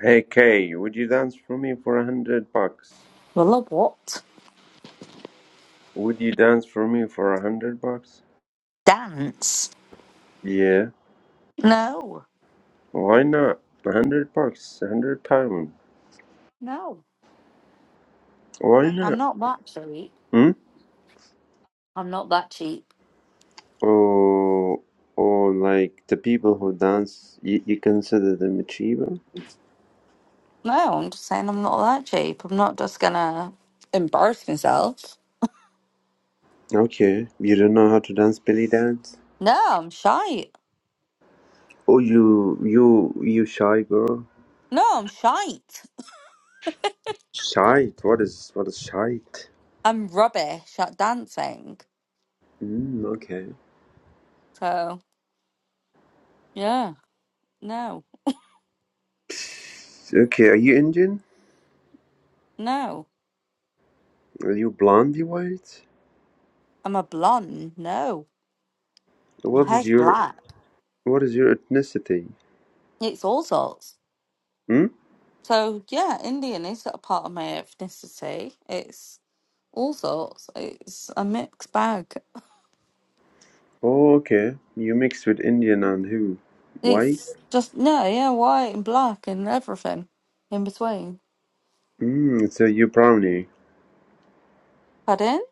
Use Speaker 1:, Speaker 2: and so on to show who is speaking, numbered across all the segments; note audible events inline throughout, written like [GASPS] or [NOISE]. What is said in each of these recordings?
Speaker 1: Hey Kay, would you dance for me for a hundred bucks?
Speaker 2: Well, of what?
Speaker 1: Would you dance for me for a hundred bucks?
Speaker 2: Dance?
Speaker 1: Yeah,
Speaker 2: No,
Speaker 1: why not? A hundred bucks, a hundred pounds.
Speaker 2: no,
Speaker 1: Why
Speaker 2: I'm
Speaker 1: not?
Speaker 2: not that cheap.
Speaker 1: Hmm?
Speaker 2: I'm not that cheap.
Speaker 1: Or, or like the people who dance, you, you consider them a achiever?
Speaker 2: No, I'm just saying I'm not that cheap. I'm not just gonna embarrass myself.
Speaker 1: Okay, you don't know how to dance belly dance?
Speaker 2: No, I'm shite.
Speaker 1: Oh, you, you, you shy girl.
Speaker 2: No, I'm shite.
Speaker 1: Shite? What is, what is shite?
Speaker 2: I'm rubbish at dancing.
Speaker 1: Mm, okay.
Speaker 2: So, yeah, no,
Speaker 1: Okay, are you Indian?
Speaker 2: no.
Speaker 1: Are you blondie white?
Speaker 2: I'm a blonde. No, my
Speaker 1: What is
Speaker 2: hair's
Speaker 1: your
Speaker 2: black.
Speaker 1: what is your ethnicity?
Speaker 2: It's all sorts.
Speaker 1: Hmm?
Speaker 2: So, yeah, Indian is a part of my ethnicity. It's all sorts. It's a mixed bag.
Speaker 1: Oh, okay. You mixed with Indian and who? Why?
Speaker 2: It's just no, yeah, white and black and everything in between.
Speaker 1: Hmm, so you brownie.
Speaker 2: Pardon?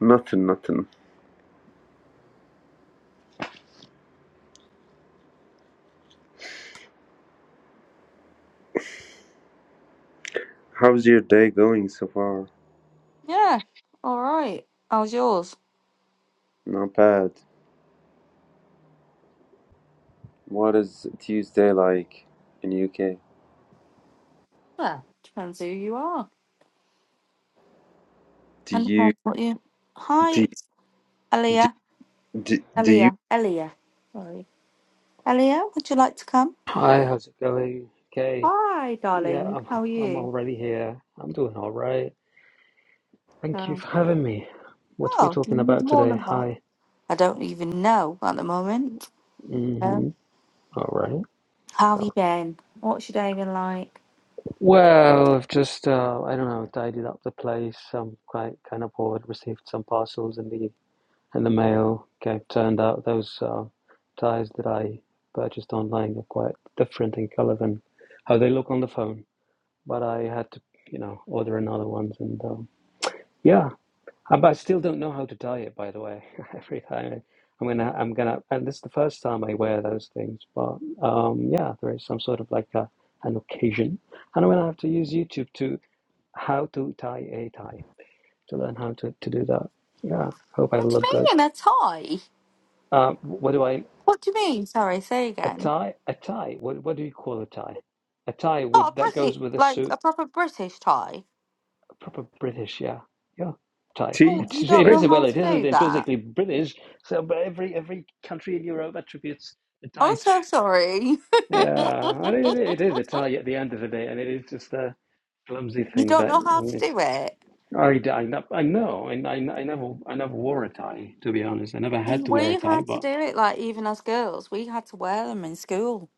Speaker 1: Nothing, nothing. How's your day going so far?
Speaker 2: Yeah. All right. How's yours?
Speaker 1: Not bad. What is Tuesday like in UK?
Speaker 2: Well, depends who you are.
Speaker 1: Do
Speaker 2: And
Speaker 1: you
Speaker 2: depends what you. Hi,
Speaker 1: do do
Speaker 2: Elia.
Speaker 1: do, do you
Speaker 2: Elia. Elia. Sorry. Elia, would you like to come?
Speaker 3: Hi, how's it going? Okay,
Speaker 2: Hi,
Speaker 3: yeah,
Speaker 2: darling.
Speaker 3: I'm
Speaker 2: How are
Speaker 3: I'm
Speaker 2: you?
Speaker 3: already here. I'm doing all right. Thank you
Speaker 2: Um,
Speaker 3: for having me. What are we
Speaker 2: oh,
Speaker 3: talking about
Speaker 2: more
Speaker 3: today?
Speaker 2: than well.
Speaker 3: Hi.
Speaker 2: I don't even know at the moment. Um,
Speaker 3: Mm-hmm. All right.
Speaker 2: how have you
Speaker 3: Well,
Speaker 2: been? What's your day been like?
Speaker 3: well, I've just uh, I don't know, tidied up the place. I'm quite kind of bored. Received some parcels in the in the mail. Okay, turned out those uh, ties that I purchased online are quite different in color than how they look on the phone. But I had to, you know, order another ones and um, yeah. Uh, But I still don't know how to tie it, by the way. [LAUGHS] Every time I'm gonna, I'm gonna, and this is the first time I wear those things. But um, yeah, there is some sort of like a, an occasion, and I'm gonna have to use YouTube to how to tie a tie to learn how to, to do that. Yeah, hope I
Speaker 2: What do
Speaker 3: look good.
Speaker 2: you mean? A tie?
Speaker 3: Uh, what do I
Speaker 2: What do you mean? Sorry, say
Speaker 3: a
Speaker 2: again.
Speaker 3: tie? A tie? What what do you call a tie? A tie
Speaker 2: Not
Speaker 3: with
Speaker 2: a
Speaker 3: that goes
Speaker 2: British,
Speaker 3: with a
Speaker 2: like
Speaker 3: suit.
Speaker 2: a proper British tie.
Speaker 3: proper British, yeah, yeah. Thai.
Speaker 2: Oh,
Speaker 1: tea?
Speaker 3: It,
Speaker 2: you
Speaker 3: it
Speaker 2: don't
Speaker 1: Like
Speaker 2: know
Speaker 3: is well,
Speaker 2: how
Speaker 3: it
Speaker 2: to
Speaker 3: isn't
Speaker 2: do that.
Speaker 3: intrinsically British. So, but every every country in Europe attributes a Thai
Speaker 2: I'm
Speaker 3: to.
Speaker 2: so sorry.
Speaker 3: Yeah,
Speaker 2: [LAUGHS]
Speaker 3: I mean, it, it is a Thai at the end of the day, and it is just a clumsy
Speaker 2: you
Speaker 3: thing
Speaker 2: don't
Speaker 3: that
Speaker 2: know how to
Speaker 3: it.
Speaker 2: do it.
Speaker 3: I, I, know- I know, and I, I never I never wore a tie to be honest. I never had to wear
Speaker 2: We
Speaker 3: a tie,
Speaker 2: had to
Speaker 3: but
Speaker 2: do it, like even as girls, we had to wear them in school.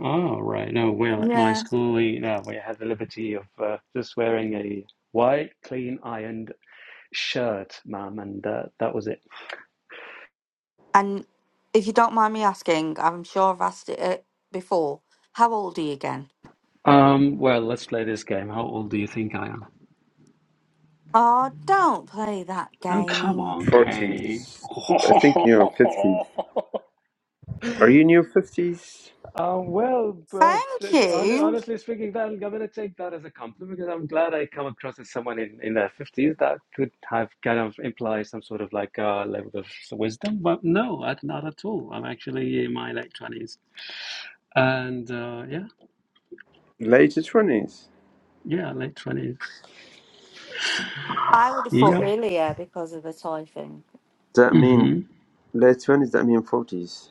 Speaker 3: oh right, no. Well, at my
Speaker 2: Yeah.
Speaker 3: school, we, no, we had the liberty of uh, just wearing a white, clean, ironed shirt, ma'am, and uh, that was it.
Speaker 2: And if you don't mind me asking, I'm sure I've asked it uh, before. How old are you again?
Speaker 3: Um, well, let's play this game. How old do you think I am?
Speaker 2: Oh, don't play that
Speaker 3: Oh, come
Speaker 2: game.
Speaker 3: on, Kay.
Speaker 1: forties.
Speaker 3: [LAUGHS]
Speaker 1: I think you're fifties. Are you in your fifties?
Speaker 3: um, well, well
Speaker 2: Thank
Speaker 3: t- t- hon-
Speaker 2: you.
Speaker 3: honestly speaking, that, I'm going to take that as a compliment because I'm glad I come across as someone in, in their 50s that could have kind of implied some sort of like uh, level of wisdom. But no, I- not at all. I'm actually in my late 20s. And uh, yeah,
Speaker 1: Late twenties?
Speaker 3: yeah, late 20s.
Speaker 2: I would have thought
Speaker 3: Yep.
Speaker 1: Okay.
Speaker 2: earlier because of the tie thing.
Speaker 1: that mean
Speaker 3: Mm-hmm.
Speaker 1: late twenties? That mean forties?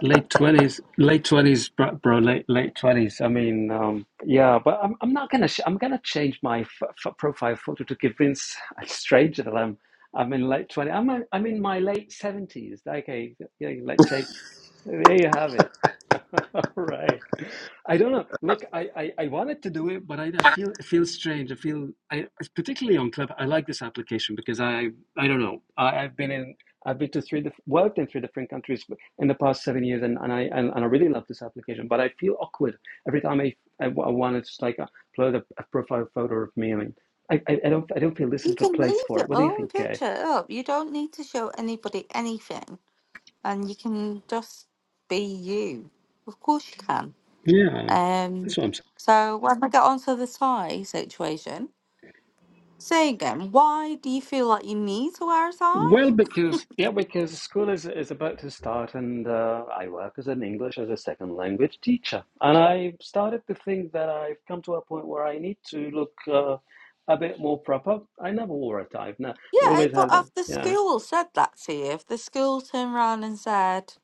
Speaker 3: Late twenties, late twenties, bro, bro. Late late twenties. I mean, um, yeah, but I'm I'm not gonna sh I'm gonna change my f f profile photo to convince a stranger that I'm I'm in late twenty. I'm a, I'm in my late seventies. Okay, yeah, late there you have it. [LAUGHS] All right. I don't know. Look, I, I, I wanted to do it, but I, I feel it feels strange. I feel I particularly on Club. I like this application because I I don't know. I, I've been in I've been to three worked in three different countries in the past seven years, and, and I and, and I really love this application. But I feel awkward every time I I, wa- I want to just like upload a, a profile photo of me. I mean, I, I I don't I don't feel this is
Speaker 2: You
Speaker 3: the
Speaker 2: can
Speaker 3: place
Speaker 2: leave
Speaker 3: for
Speaker 2: your
Speaker 3: it. What do you
Speaker 2: own
Speaker 3: think, Kay?
Speaker 2: picture up. You don't need to show anybody anything, and you can just be you. Of course, you can.
Speaker 3: Yeah,
Speaker 2: Um,
Speaker 3: that's what I'm saying.
Speaker 2: so when I get onto the tie situation, say again, why do you feel like you need to wear a tie?
Speaker 3: Well, because yeah, because school is is about to start, and uh, I work as an English as a second language teacher, and I started to think that I've come to a point where I need to look uh, a bit more proper. I never wore a tie. No,
Speaker 2: Yeah,
Speaker 3: always
Speaker 2: but
Speaker 3: had a
Speaker 2: if the
Speaker 3: yeah.
Speaker 2: school said that to you, if the school turned around and said,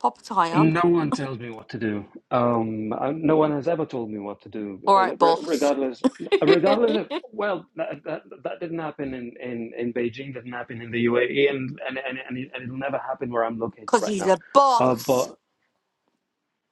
Speaker 2: "Pop a tie on,"
Speaker 3: No one tells me what to do. Um, uh, no one has ever told me what to do.
Speaker 2: all
Speaker 3: Uh,
Speaker 2: right,
Speaker 3: re-
Speaker 2: boss,
Speaker 3: Regardless,
Speaker 2: [LAUGHS] because
Speaker 3: regardless of well, that, that that didn't happen in in in Beijing. Didn't happen in the UAE, and and and and, it, and it'll never happen where I'm located right
Speaker 2: he's
Speaker 3: now.
Speaker 2: a
Speaker 3: Uh,
Speaker 2: boss.
Speaker 3: but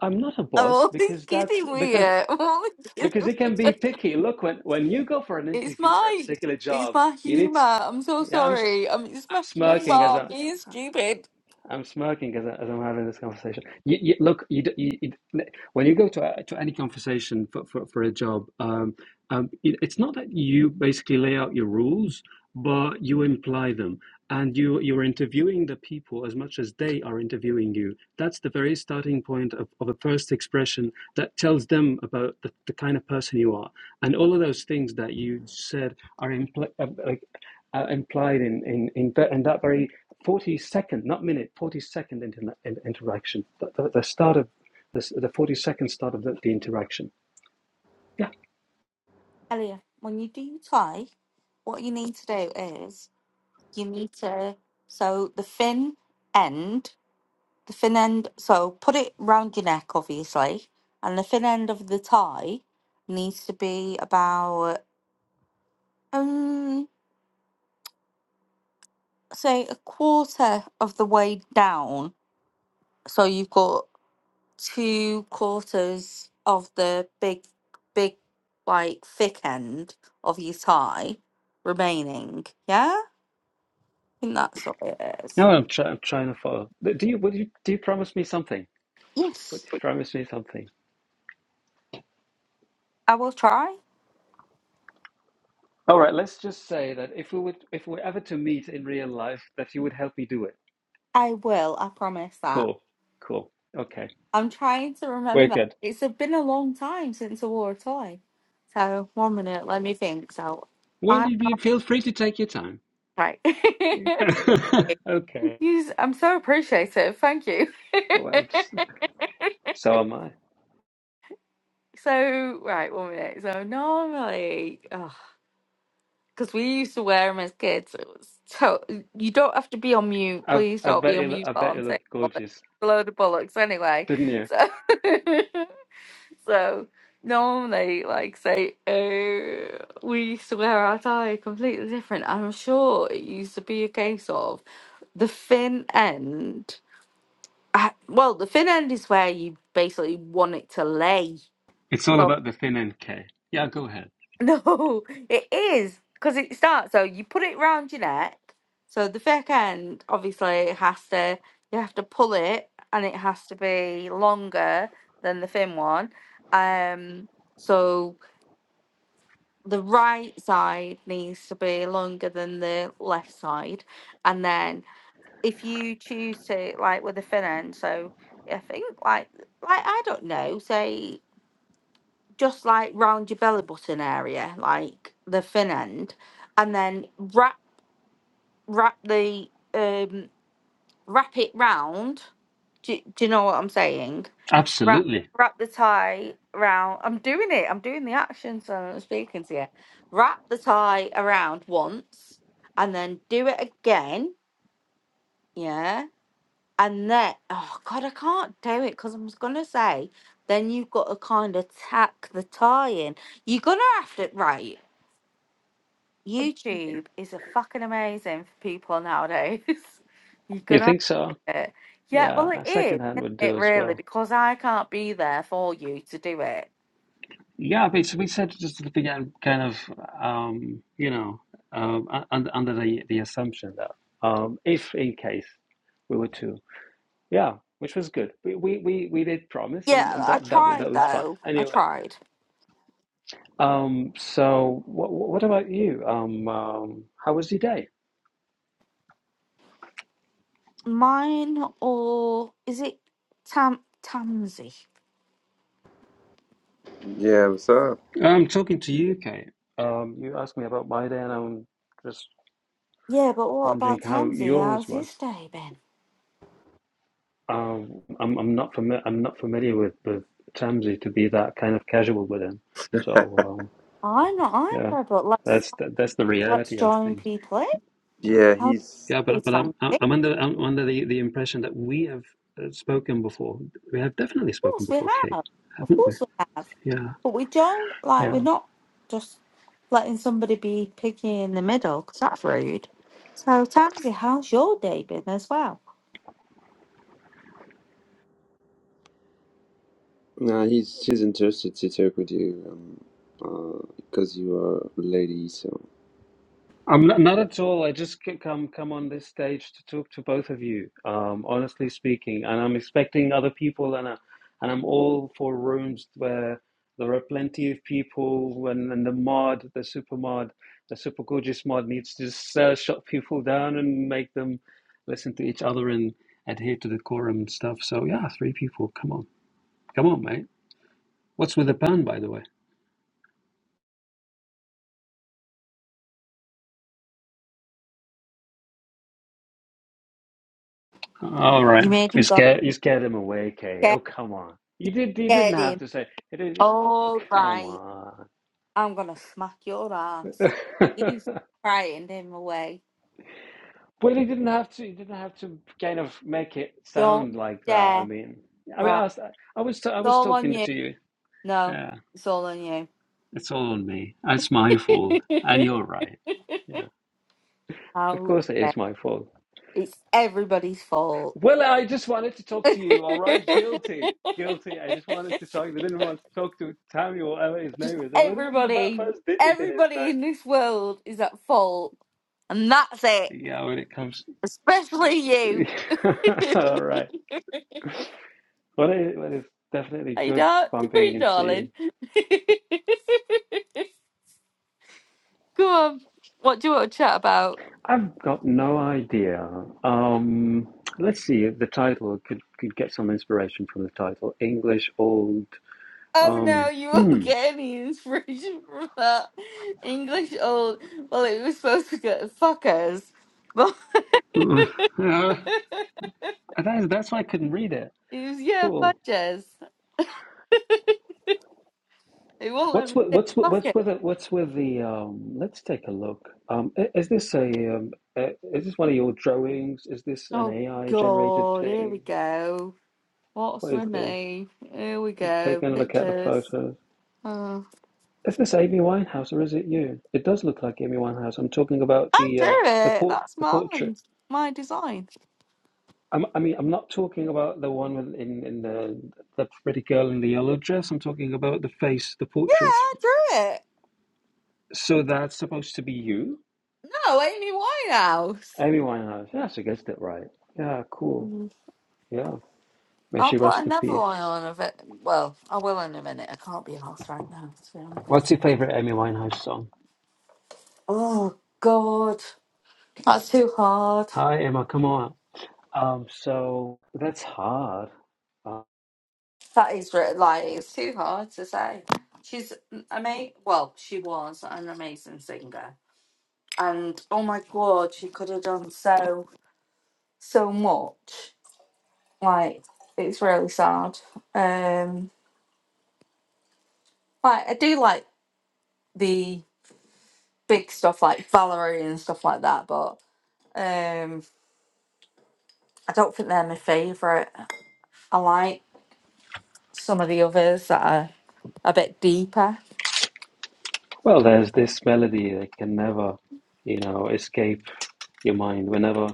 Speaker 3: I'm not a
Speaker 2: [LAUGHS] I'm
Speaker 3: boss
Speaker 2: only
Speaker 3: because that's
Speaker 2: kidding with
Speaker 3: because
Speaker 2: you. I'm only
Speaker 3: because it can
Speaker 2: kidding.
Speaker 3: be picky. Look, when when you go for an
Speaker 2: It's
Speaker 3: interview for a
Speaker 2: my
Speaker 3: particular
Speaker 2: it's
Speaker 3: job,
Speaker 2: my
Speaker 3: you need.
Speaker 2: humor.
Speaker 3: To,
Speaker 2: I'm so
Speaker 3: yeah, I'm s-
Speaker 2: sorry. Um, it's
Speaker 3: I'm
Speaker 2: my humor.
Speaker 3: smirking as
Speaker 2: I'm
Speaker 3: I
Speaker 2: being stupid.
Speaker 3: I'm smirking as, I, as I'm having this conversation. You, you, look, you, you, you, when you go to a, to any conversation for, for, for a job, um, um, it, it's not that you basically lay out your rules, but you imply them, and you you're interviewing the people as much as they are interviewing you. That's the very starting point of, of a first expression that tells them about the, the kind of person you are, and all of those things that you said are impl- uh, like uh, implied in in in, in that very 40 second, not minute, 40 second inter- interaction. The, the, the start of the, the 40 second start of the, the interaction. Yeah.
Speaker 2: Elliot, when you do tie, what you need to do is you need to so the fin end, the fin end. So put it round your neck, obviously, and the fin end of the tie needs to be about um say a quarter of the way down. So you've got two quarters of the big, big, like thick end of your tie remaining. Yeah, I think that's what it is.
Speaker 3: Now I'm, try, I'm trying to follow. Do you, would you, do you promise me something? Would
Speaker 2: Yes,
Speaker 3: you promise me something?
Speaker 2: I will try.
Speaker 3: All right. Let's just say that if we would, if we were ever to meet in real life, that you would help me do it.
Speaker 2: I will. I promise that.
Speaker 3: Cool. Cool. Okay.
Speaker 2: I'm trying to
Speaker 3: Very
Speaker 2: remember.
Speaker 3: good.
Speaker 2: It's a- been a long time since I wore a tie. So one minute, let me think. So
Speaker 3: Well,
Speaker 2: I'm
Speaker 3: you feel free to take your time.
Speaker 2: right. [LAUGHS]
Speaker 3: [LAUGHS] okay.
Speaker 2: You s- I'm so appreciative. Thank you.
Speaker 3: Well,
Speaker 2: [LAUGHS]
Speaker 3: so am I.
Speaker 2: So, right, one minute. So, normally, because we used to wear them as kids, it was to- you don't have to be on mute.
Speaker 3: I,
Speaker 2: Please
Speaker 3: I
Speaker 2: don't be
Speaker 3: bet
Speaker 2: on
Speaker 3: you.
Speaker 2: mute
Speaker 3: I
Speaker 2: while
Speaker 3: bet you
Speaker 2: I'm
Speaker 3: look
Speaker 2: saying all this.
Speaker 3: gorgeous,
Speaker 2: a load of bollocks, anyway.
Speaker 3: didn't you?
Speaker 2: So, [LAUGHS] so normally, like, say, uh, we used to wear our tie completely different. I'm sure it used to be a case of the fin end. I, well, the fin end is where you basically want it to lay.
Speaker 3: It's all
Speaker 2: So,
Speaker 3: about the thin end, Kay. Yeah, go ahead.
Speaker 2: No, [LAUGHS] it is because it starts. So you put it round your neck. So the fake end, obviously, it has to. You have to pull it, and it has to be longer than the thin one. Um. So the right side needs to be longer than the left side, and then if you choose to like with the thin end, so I think like like I don't know, say just like round your belly button area, like the thin end, and then wrap wrap the um wrap it round. Do, do you know what I'm saying? Wrap
Speaker 3: Absolutely.
Speaker 2: wrap the tie round. I'm doing it. I'm doing the action, so I'm speaking to you. Wrap the tie around once, and then do it again. Yeah, and then oh god, I can't do it because I was gonna say. Then you've got to kind of tack the tie in. You're gonna have to right. YouTube is a fucking amazing for people nowadays. [LAUGHS] You're
Speaker 3: You
Speaker 2: gonna
Speaker 3: think so?
Speaker 2: have it. Yeah,
Speaker 3: Yeah,
Speaker 2: well it
Speaker 3: a second
Speaker 2: is,
Speaker 3: hand
Speaker 2: isn't
Speaker 3: would do
Speaker 2: it
Speaker 3: as
Speaker 2: really?
Speaker 3: well.
Speaker 2: Because I can't be there for you to do it.
Speaker 3: Yeah, but we said just at the beginning, kind of, um, you know, um, under, under the, the assumption that Um, if in case we were to, yeah, which was good. We we we, we did promise,
Speaker 2: Yeah,
Speaker 3: and, and
Speaker 2: I
Speaker 3: that that
Speaker 2: tried
Speaker 3: that was fine.
Speaker 2: though. I
Speaker 3: Anyway,
Speaker 2: tried.
Speaker 3: um, so what what about you? Um, um, how was your day?
Speaker 2: Mine or is it Tam Tamsy?
Speaker 1: Yeah, what's up?
Speaker 3: I'm talking to you, Kay. Um, you asked me about my day, and I'm just
Speaker 2: Yeah, but what
Speaker 3: wondering
Speaker 2: about
Speaker 3: how
Speaker 2: Tamsy?
Speaker 3: yours
Speaker 2: How's
Speaker 3: were.
Speaker 2: his day been?
Speaker 3: Um, I'm I'm not familiar. I'm not familiar with with Tamsi to be that kind of casual with him. So
Speaker 2: I'm not
Speaker 3: um, yeah,
Speaker 2: either, but let's
Speaker 3: that's the, that's the
Speaker 2: let's
Speaker 3: reality of
Speaker 2: join
Speaker 3: things.
Speaker 2: people in.
Speaker 3: But,
Speaker 1: Yeah,
Speaker 2: How
Speaker 1: he's
Speaker 3: yeah, but but I'm I'm
Speaker 2: Tamsy?
Speaker 3: I'm under I'm under the, the impression that we have uh, spoken before. We have definitely spoken
Speaker 2: course we
Speaker 3: before, Kay,
Speaker 2: have. Of
Speaker 3: haven't we?
Speaker 2: course we have.
Speaker 3: Yeah,
Speaker 2: But we don't, like, we're
Speaker 3: yeah.
Speaker 2: not just letting somebody be piggy in the middle, 'cause that's rude. So, Tansy, how's your day been as well?
Speaker 1: no, he's he's interested to talk with you, um, uh, because you are a lady, so.
Speaker 3: I'm not, not at all. I just c- come come on this stage to talk to both of you, um, honestly speaking. And I'm expecting other people, and I, and I'm all for rooms where there are plenty of people, and, and the mod, the super mod, the super gorgeous mod needs to just uh, shut people down and make them listen to each other and adhere to the quorum and stuff. So yeah, three people. Come on, come on, mate. What's with the ban, by the way? All right.
Speaker 2: You made
Speaker 3: You
Speaker 2: him go,
Speaker 3: scared you scared him away, Kay. Oh
Speaker 2: get,
Speaker 3: come on. You did you didn't
Speaker 2: get
Speaker 3: have
Speaker 2: him.
Speaker 3: to say it did oh,
Speaker 2: All
Speaker 3: come
Speaker 2: right,
Speaker 3: on.
Speaker 2: I'm going to smack your ass.
Speaker 3: [LAUGHS]
Speaker 2: He's frightened him away.
Speaker 3: well he didn't have to he didn't have to kind of make it
Speaker 2: Don't
Speaker 3: sound
Speaker 2: you
Speaker 3: like that. I
Speaker 2: dare.
Speaker 3: mean I mean
Speaker 2: Right,
Speaker 3: I was I was, I
Speaker 2: it's
Speaker 3: was
Speaker 2: all on
Speaker 3: talking
Speaker 2: you.
Speaker 3: to you.
Speaker 2: No,
Speaker 3: Yeah.
Speaker 2: it's all on you.
Speaker 3: It's all on me. It's my fault. And
Speaker 2: [LAUGHS]
Speaker 3: you're right. Yeah. Of
Speaker 2: How
Speaker 3: course it
Speaker 2: dare.
Speaker 3: is my fault.
Speaker 2: It's everybody's fault.
Speaker 3: Well, I just wanted to talk to you, all right? Guilty.
Speaker 2: [LAUGHS]
Speaker 3: Guilty. I just wanted to talk. I didn't want to talk to Tammy or whatever his
Speaker 2: Just
Speaker 3: name is. What was the
Speaker 2: everybody,
Speaker 3: first digit in his
Speaker 2: everybody in
Speaker 3: name?
Speaker 2: this world is at fault, and that's it.
Speaker 3: Yeah, when it comes.
Speaker 2: Especially
Speaker 3: to...
Speaker 2: you.
Speaker 3: [LAUGHS] all right. Well, it, well, it's definitely
Speaker 2: I
Speaker 3: good
Speaker 2: don't, [LAUGHS]
Speaker 3: bumping
Speaker 2: you
Speaker 3: into you.
Speaker 2: darling. [LAUGHS] Go on. What do you want to chat about?
Speaker 3: I've got no idea. Um, let's see. if The title could, could get some inspiration from the title English Old.
Speaker 2: Oh no,
Speaker 3: Um,
Speaker 2: you won't [LAUGHS]
Speaker 3: hmm.
Speaker 2: get any inspiration from that. English old. Well, it was supposed to get fuckers, but
Speaker 3: [LAUGHS]
Speaker 2: [LAUGHS]
Speaker 3: Uh, that's, that's why I couldn't read it.
Speaker 2: it was yeah,
Speaker 3: Cool.
Speaker 2: fudges. It won't let
Speaker 3: What's
Speaker 2: me
Speaker 3: with,
Speaker 2: say
Speaker 3: what's with, what's
Speaker 2: fuckers.
Speaker 3: with it? What's with the? Um, let's take a look. Um, i- is this a? Um, uh, is this one of your drawings? Is this an
Speaker 2: Oh
Speaker 3: AI generated
Speaker 2: god, here we
Speaker 3: thing?
Speaker 2: go. What's
Speaker 3: What is
Speaker 2: with
Speaker 3: this?
Speaker 2: me? Here we go.
Speaker 3: Taking a look at the
Speaker 2: Pictures.
Speaker 3: photos.
Speaker 2: Oh,
Speaker 3: Is this Amy Winehouse or is it you? It does look like Amy Winehouse. I'm talking about
Speaker 2: I
Speaker 3: the uh,
Speaker 2: drew
Speaker 3: the
Speaker 2: it.
Speaker 3: port
Speaker 2: That's
Speaker 3: the portrait.
Speaker 2: mine. My design.
Speaker 3: I'm, I mean, I'm not talking about the one with- in in the the pretty girl in the yellow dress. I'm talking about the face, the
Speaker 2: Yeah,
Speaker 3: portrait.
Speaker 2: I drew it.
Speaker 3: So that's supposed to be you.
Speaker 2: No, Amy Winehouse.
Speaker 3: Amy Winehouse. Yeah, she gets it right. Yeah, cool.
Speaker 2: Mhm.
Speaker 3: Yeah. May
Speaker 2: I'll
Speaker 3: she
Speaker 2: put
Speaker 3: rest in
Speaker 2: another
Speaker 3: peace.
Speaker 2: one on of it. Well, I will in a minute. I can't be asked right now, to be
Speaker 3: What's
Speaker 2: honest.
Speaker 3: your favorite Amy Winehouse song?
Speaker 2: Oh, God. That's too hard.
Speaker 3: Hi, Emma. Come on. Um, so that's hard. Uh,
Speaker 2: That is re- like, it's too hard to say. She's amazing. Well, she was an amazing singer. And oh my God, she could have done so. so much. Like it's really sad. Um, like I do like the big stuff like Valerie and stuff like that, but um, I don't think they're my favourite. I like some of the others that are a bit deeper.
Speaker 3: well, there's this melody that can never, you know, escape your mind. Whenever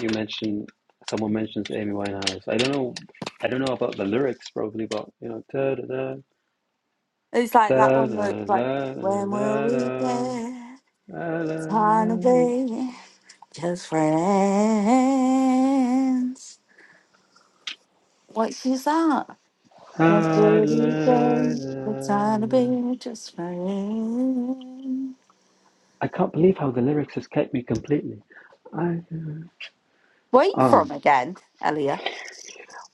Speaker 3: you mention someone mentions Amy Winehouse, I don't know, I don't know about the lyrics probably, but you know, da da da
Speaker 2: It's like that
Speaker 3: da
Speaker 2: one where it's like,
Speaker 3: da
Speaker 2: when will we
Speaker 3: da
Speaker 2: get
Speaker 3: da da da.
Speaker 2: time to
Speaker 3: da.
Speaker 2: be just friends? What is that? What would he It's on a being just friends.
Speaker 3: I can't believe how the lyrics escaped me completely. I,
Speaker 2: Where are you
Speaker 3: um,
Speaker 2: from again, Elia?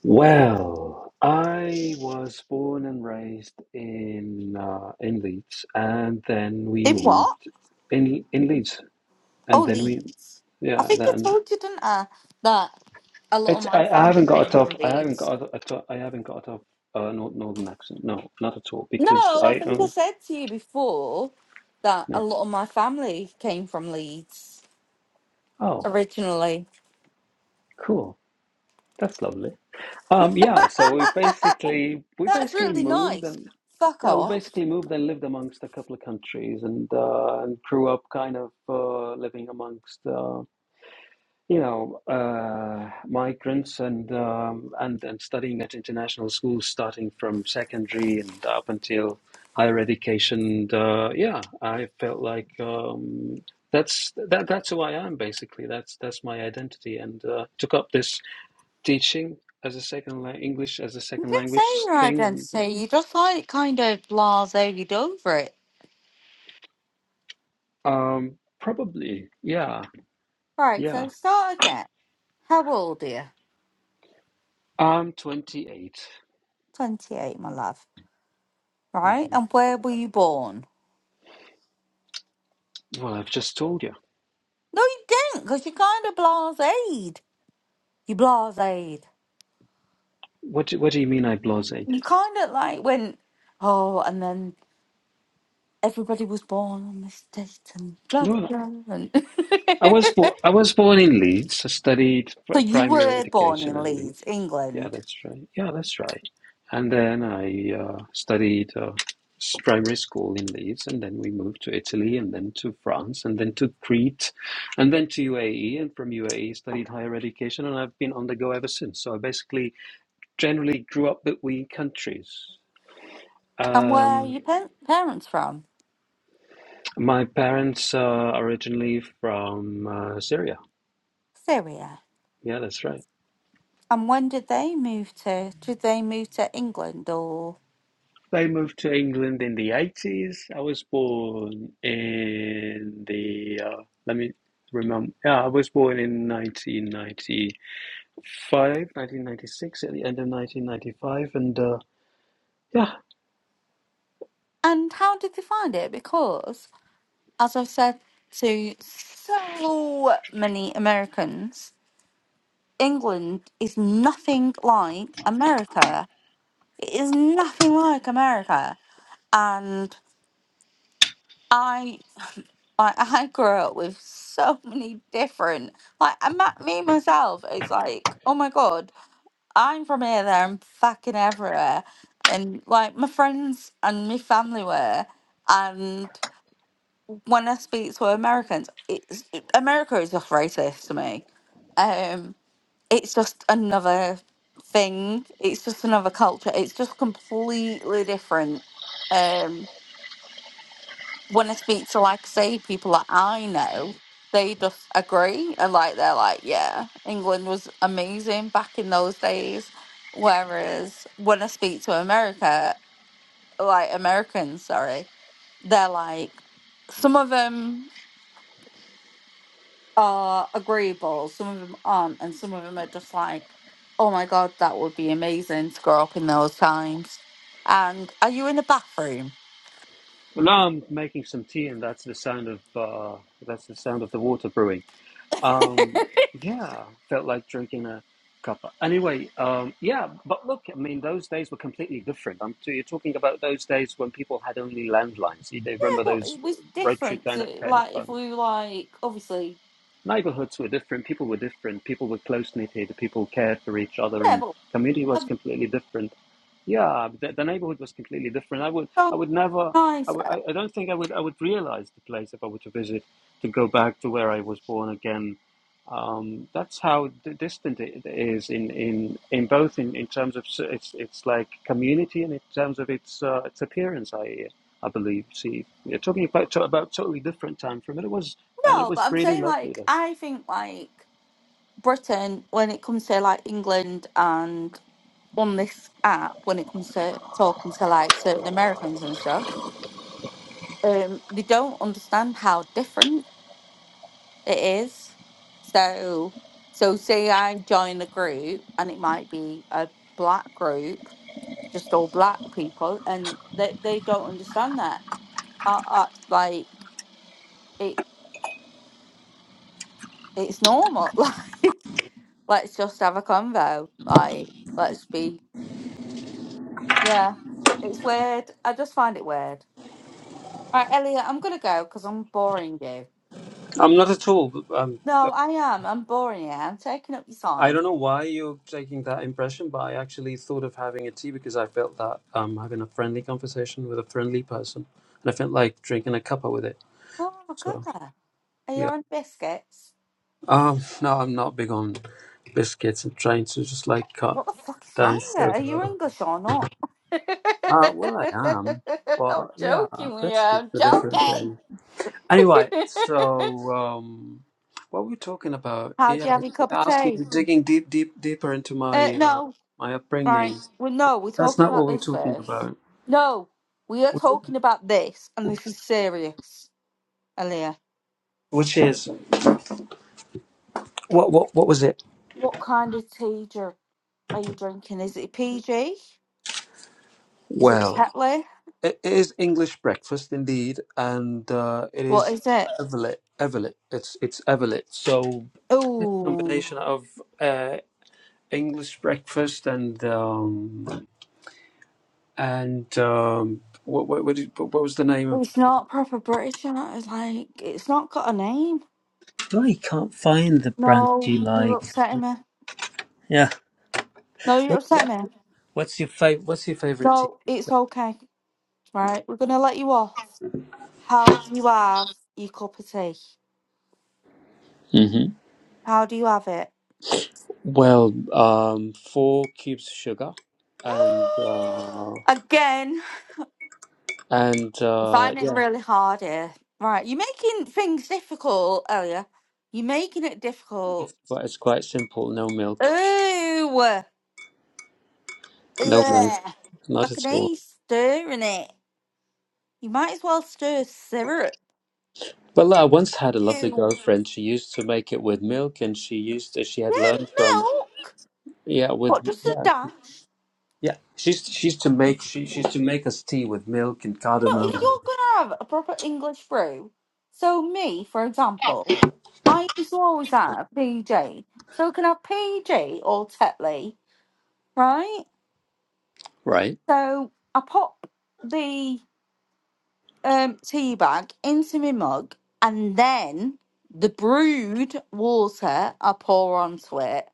Speaker 3: well, I was born and raised in uh, in Leeds, and then we
Speaker 2: In what?
Speaker 3: moved in in Leeds, and
Speaker 2: Oh,
Speaker 3: then we
Speaker 2: Leeds. I
Speaker 3: yeah.
Speaker 2: think I
Speaker 3: Then
Speaker 2: told you, didn't I, that a lot of
Speaker 3: it's
Speaker 2: my
Speaker 3: I, I
Speaker 2: family
Speaker 3: haven't got a
Speaker 2: came
Speaker 3: tough
Speaker 2: from
Speaker 3: I haven't
Speaker 2: Leeds.
Speaker 3: got a, a tough I haven't got a tough uh, nor- northern accent. No, not at all
Speaker 2: No,
Speaker 3: because
Speaker 2: I
Speaker 3: I
Speaker 2: think I
Speaker 3: um,
Speaker 2: said to you before that
Speaker 3: no.
Speaker 2: a lot of my family came from Leeds
Speaker 3: Oh,
Speaker 2: originally.
Speaker 3: cool. That's lovely. Um,
Speaker 2: [LAUGHS]
Speaker 3: yeah, so we basically we
Speaker 2: That's
Speaker 3: basically
Speaker 2: really
Speaker 3: moved
Speaker 2: nice.
Speaker 3: and
Speaker 2: Fuck
Speaker 3: yeah, we
Speaker 2: off.
Speaker 3: basically moved and lived amongst a couple of countries and uh, and grew up kind of uh, living amongst uh, you know uh, migrants and um, and and studying at international schools starting from secondary and up until higher education. And, uh, yeah, I felt like um, that's that that's who I am basically. That's that's my identity and uh, took up this teaching as a second language, English as a
Speaker 2: You
Speaker 3: second
Speaker 2: didn't say
Speaker 3: language
Speaker 2: your
Speaker 3: thing?
Speaker 2: identity. You just like kind of blase over it.
Speaker 3: Um, probably, yeah,
Speaker 2: Right,
Speaker 3: yeah.
Speaker 2: so start again. How old are you?
Speaker 3: I'm 28.
Speaker 2: 28, my love. Right,
Speaker 3: hmm
Speaker 2: and where were you born?
Speaker 3: Well, I've just told you.
Speaker 2: No, you didn't, because you kind of blaséed. You blaséed.
Speaker 3: What do, what do you mean I blasé?
Speaker 2: You kind of like went, oh, and then everybody was born on this date and blah,
Speaker 3: Well,
Speaker 2: blah. And [LAUGHS]
Speaker 3: I was born, I was born in Leeds. I studied
Speaker 2: so
Speaker 3: pr-
Speaker 2: you
Speaker 3: primary
Speaker 2: were born
Speaker 3: education
Speaker 2: in
Speaker 3: in
Speaker 2: Leeds,
Speaker 3: Leeds. Yeah,
Speaker 2: England.
Speaker 3: that's right. Yeah, that's right. And then I uh, studied uh, s- primary school in Leeds, and then we moved to Italy, and then to France, and then to Crete, and then to UAE. And from UAE, studied higher education, and I've been on the go ever since. So I basically generally grew up between countries.
Speaker 2: And where are
Speaker 3: Um,
Speaker 2: your pa- parents from?
Speaker 3: my parents uh, are originally from uh, Syria.
Speaker 2: Syria.
Speaker 3: Yeah, that's right.
Speaker 2: And when did they move to? Did they move to England or?
Speaker 3: They moved to England in the 80s. I was born in the, uh, let me remember, yeah, I was born in nineteen ninety five, nineteen ninety six at the end of 1995. And uh, yeah,
Speaker 2: And how did they find it? Because as I've said to so many Americans, England is nothing like America. It is nothing like America. And I, I, [LAUGHS] I grew up with so many different, like, I, ma- me myself, it's like, oh my God, I'm from here, there, and fucking everywhere. And like, my friends and my family were. And when I speak to Americans, it's America is just racist to me. Um, it's just another thing. It's just another culture. It's just completely different. Um, when I speak to like say people that I know, they just agree and like they're like, yeah, England was amazing back in those days. Whereas when I speak to America, like Americans, sorry, they're like some of them uh agreeable some of them aren't and some of them are just like oh my god that would be amazing to grow up in those times and are you in a bathroom
Speaker 3: well, now I'm making some tea, and that's the sound of uh, that's the sound of the water brewing.
Speaker 2: [LAUGHS] yeah
Speaker 3: Um, yeah, felt like drinking a cuppa. Anyway, um, yeah, but look, I mean, those days were completely different. Um, so you're talking about those days when people had only landlines. You, they remember
Speaker 2: but
Speaker 3: those
Speaker 2: it was
Speaker 3: rotary
Speaker 2: different
Speaker 3: kind
Speaker 2: to,
Speaker 3: of kind of
Speaker 2: like if
Speaker 3: phones.
Speaker 2: we were like obviously
Speaker 3: Neighborhoods were different. People were different. People were close knitted. People cared for each other,
Speaker 2: yeah
Speaker 3: and
Speaker 2: but
Speaker 3: community was
Speaker 2: that's
Speaker 3: completely different. Yeah, the, the neighborhood was completely different. I would,
Speaker 2: so
Speaker 3: I would never, I,
Speaker 2: nice
Speaker 3: would, I I don't think I would, I would realize the place if I were to visit, to go back to where I was born again. Um, that's how d- distant it is in, in, in both in, in terms of s- its, its like community and in terms of its, uh, its appearance. I, I believe. See, you're talking about to, about totally different time from it. It was, and it
Speaker 2: no
Speaker 3: was
Speaker 2: but i'm
Speaker 3: really
Speaker 2: saying
Speaker 3: lovely.
Speaker 2: like
Speaker 3: though.
Speaker 2: i think like britain when it comes to like england and on this app when it comes to talking to like certain americans and stuff um they don't understand how different It is. So, so say I join a group, and it might be a black group, just all black people, and they they don't understand that. Uh, uh, like it, it's normal. [LAUGHS] Like, let's just have a convo. Like, let's be. Yeah, it's weird. I just find it weird. Right, Elliot, I'm gonna go because I'm boring you.
Speaker 3: I'm not at all. Um,
Speaker 2: No, I am. I'm boring you. I'm taking up your
Speaker 3: I don't
Speaker 2: time.
Speaker 3: know why you're taking that impression, but I actually thought of having a tea because I felt that um, having a friendly conversation with a friendly person, and I felt like drinking a cuppa with it.
Speaker 2: Oh, my
Speaker 3: So
Speaker 2: God. Are you
Speaker 3: yeah,
Speaker 2: on biscuits?
Speaker 3: um, no, I'm not big on biscuits and trying to just like cut
Speaker 2: What the fuck is wrong
Speaker 3: down
Speaker 2: with it? Are you
Speaker 3: sugar.
Speaker 2: English or not? [LAUGHS] I'm
Speaker 3: Uh, well, I am, but yeah,
Speaker 2: joking, with you.
Speaker 3: biscuits
Speaker 2: I'm
Speaker 3: are different
Speaker 2: joking.
Speaker 3: thing. Anyway, so um, what were we talking about?
Speaker 2: [LAUGHS] How do
Speaker 3: Yeah,
Speaker 2: you have your cup of tea?
Speaker 3: asking, digging deep, deep, deeper into
Speaker 2: Uh,
Speaker 3: my uh,
Speaker 2: no,
Speaker 3: my
Speaker 2: right.
Speaker 3: upbringing.
Speaker 2: Well, no, we're
Speaker 3: That's
Speaker 2: talking
Speaker 3: not
Speaker 2: about
Speaker 3: what we're
Speaker 2: this
Speaker 3: talking
Speaker 2: first.
Speaker 3: about.
Speaker 2: No, we are talking about this, and this is serious, Aaliyah.
Speaker 3: which is what what what was it?
Speaker 2: What kind of tea dr- are you drinking? Is it PG? Is it
Speaker 3: Well,
Speaker 2: Tetley?
Speaker 3: it is English breakfast indeed, and uh, it
Speaker 2: What
Speaker 3: is
Speaker 2: is it?
Speaker 3: evelet. Evelet. It's it's evelet. So this
Speaker 2: Oh,
Speaker 3: combination of uh, English breakfast and um, and um, what what what, did, what was the name of?
Speaker 2: it's not proper British. you It's like it's not got a name.
Speaker 3: I can't find the brand
Speaker 2: No,
Speaker 3: you
Speaker 2: you're
Speaker 3: like.
Speaker 2: upsetting me.
Speaker 3: Yeah.
Speaker 2: No, you're
Speaker 3: What-
Speaker 2: upsetting me.
Speaker 3: What's your favorite? What's your favorite
Speaker 2: No, it's okay. Right, we're gonna let you off. How do you have your cup of tea?
Speaker 3: tea?
Speaker 2: How do you have it?
Speaker 3: Well, um, four cubes of sugar, and
Speaker 2: [GASPS]
Speaker 3: uh,
Speaker 2: Again,
Speaker 3: and
Speaker 2: I'm
Speaker 3: uh,
Speaker 2: finding it
Speaker 3: yeah,
Speaker 2: really hard here. Right, you're making things difficult, Elia. You're making it difficult.
Speaker 3: well, it's quite simple. No milk,
Speaker 2: Ooh, ugh.
Speaker 3: no milk,
Speaker 2: I
Speaker 3: not
Speaker 2: can
Speaker 3: at
Speaker 2: hear
Speaker 3: all.
Speaker 2: you stirring it. You might as well stir syrup.
Speaker 3: Well, I once had a lovely
Speaker 2: Ew.
Speaker 3: girlfriend. She used to make it with milk, and she used she had
Speaker 2: Yeah,
Speaker 3: learned from
Speaker 2: milk.
Speaker 3: yeah with
Speaker 2: What, just a
Speaker 3: yeah
Speaker 2: dash?
Speaker 3: yeah. She's she used to make she she's to make us tea with milk and
Speaker 2: No, if
Speaker 3: cardamom.
Speaker 2: you're gonna have a proper English brew, so me, for example, I used to always have PG. So I can have PG or Tetley, right?
Speaker 3: Right.
Speaker 2: So I pop the um, tea bag into my mug and then the brewed water I pour onto it.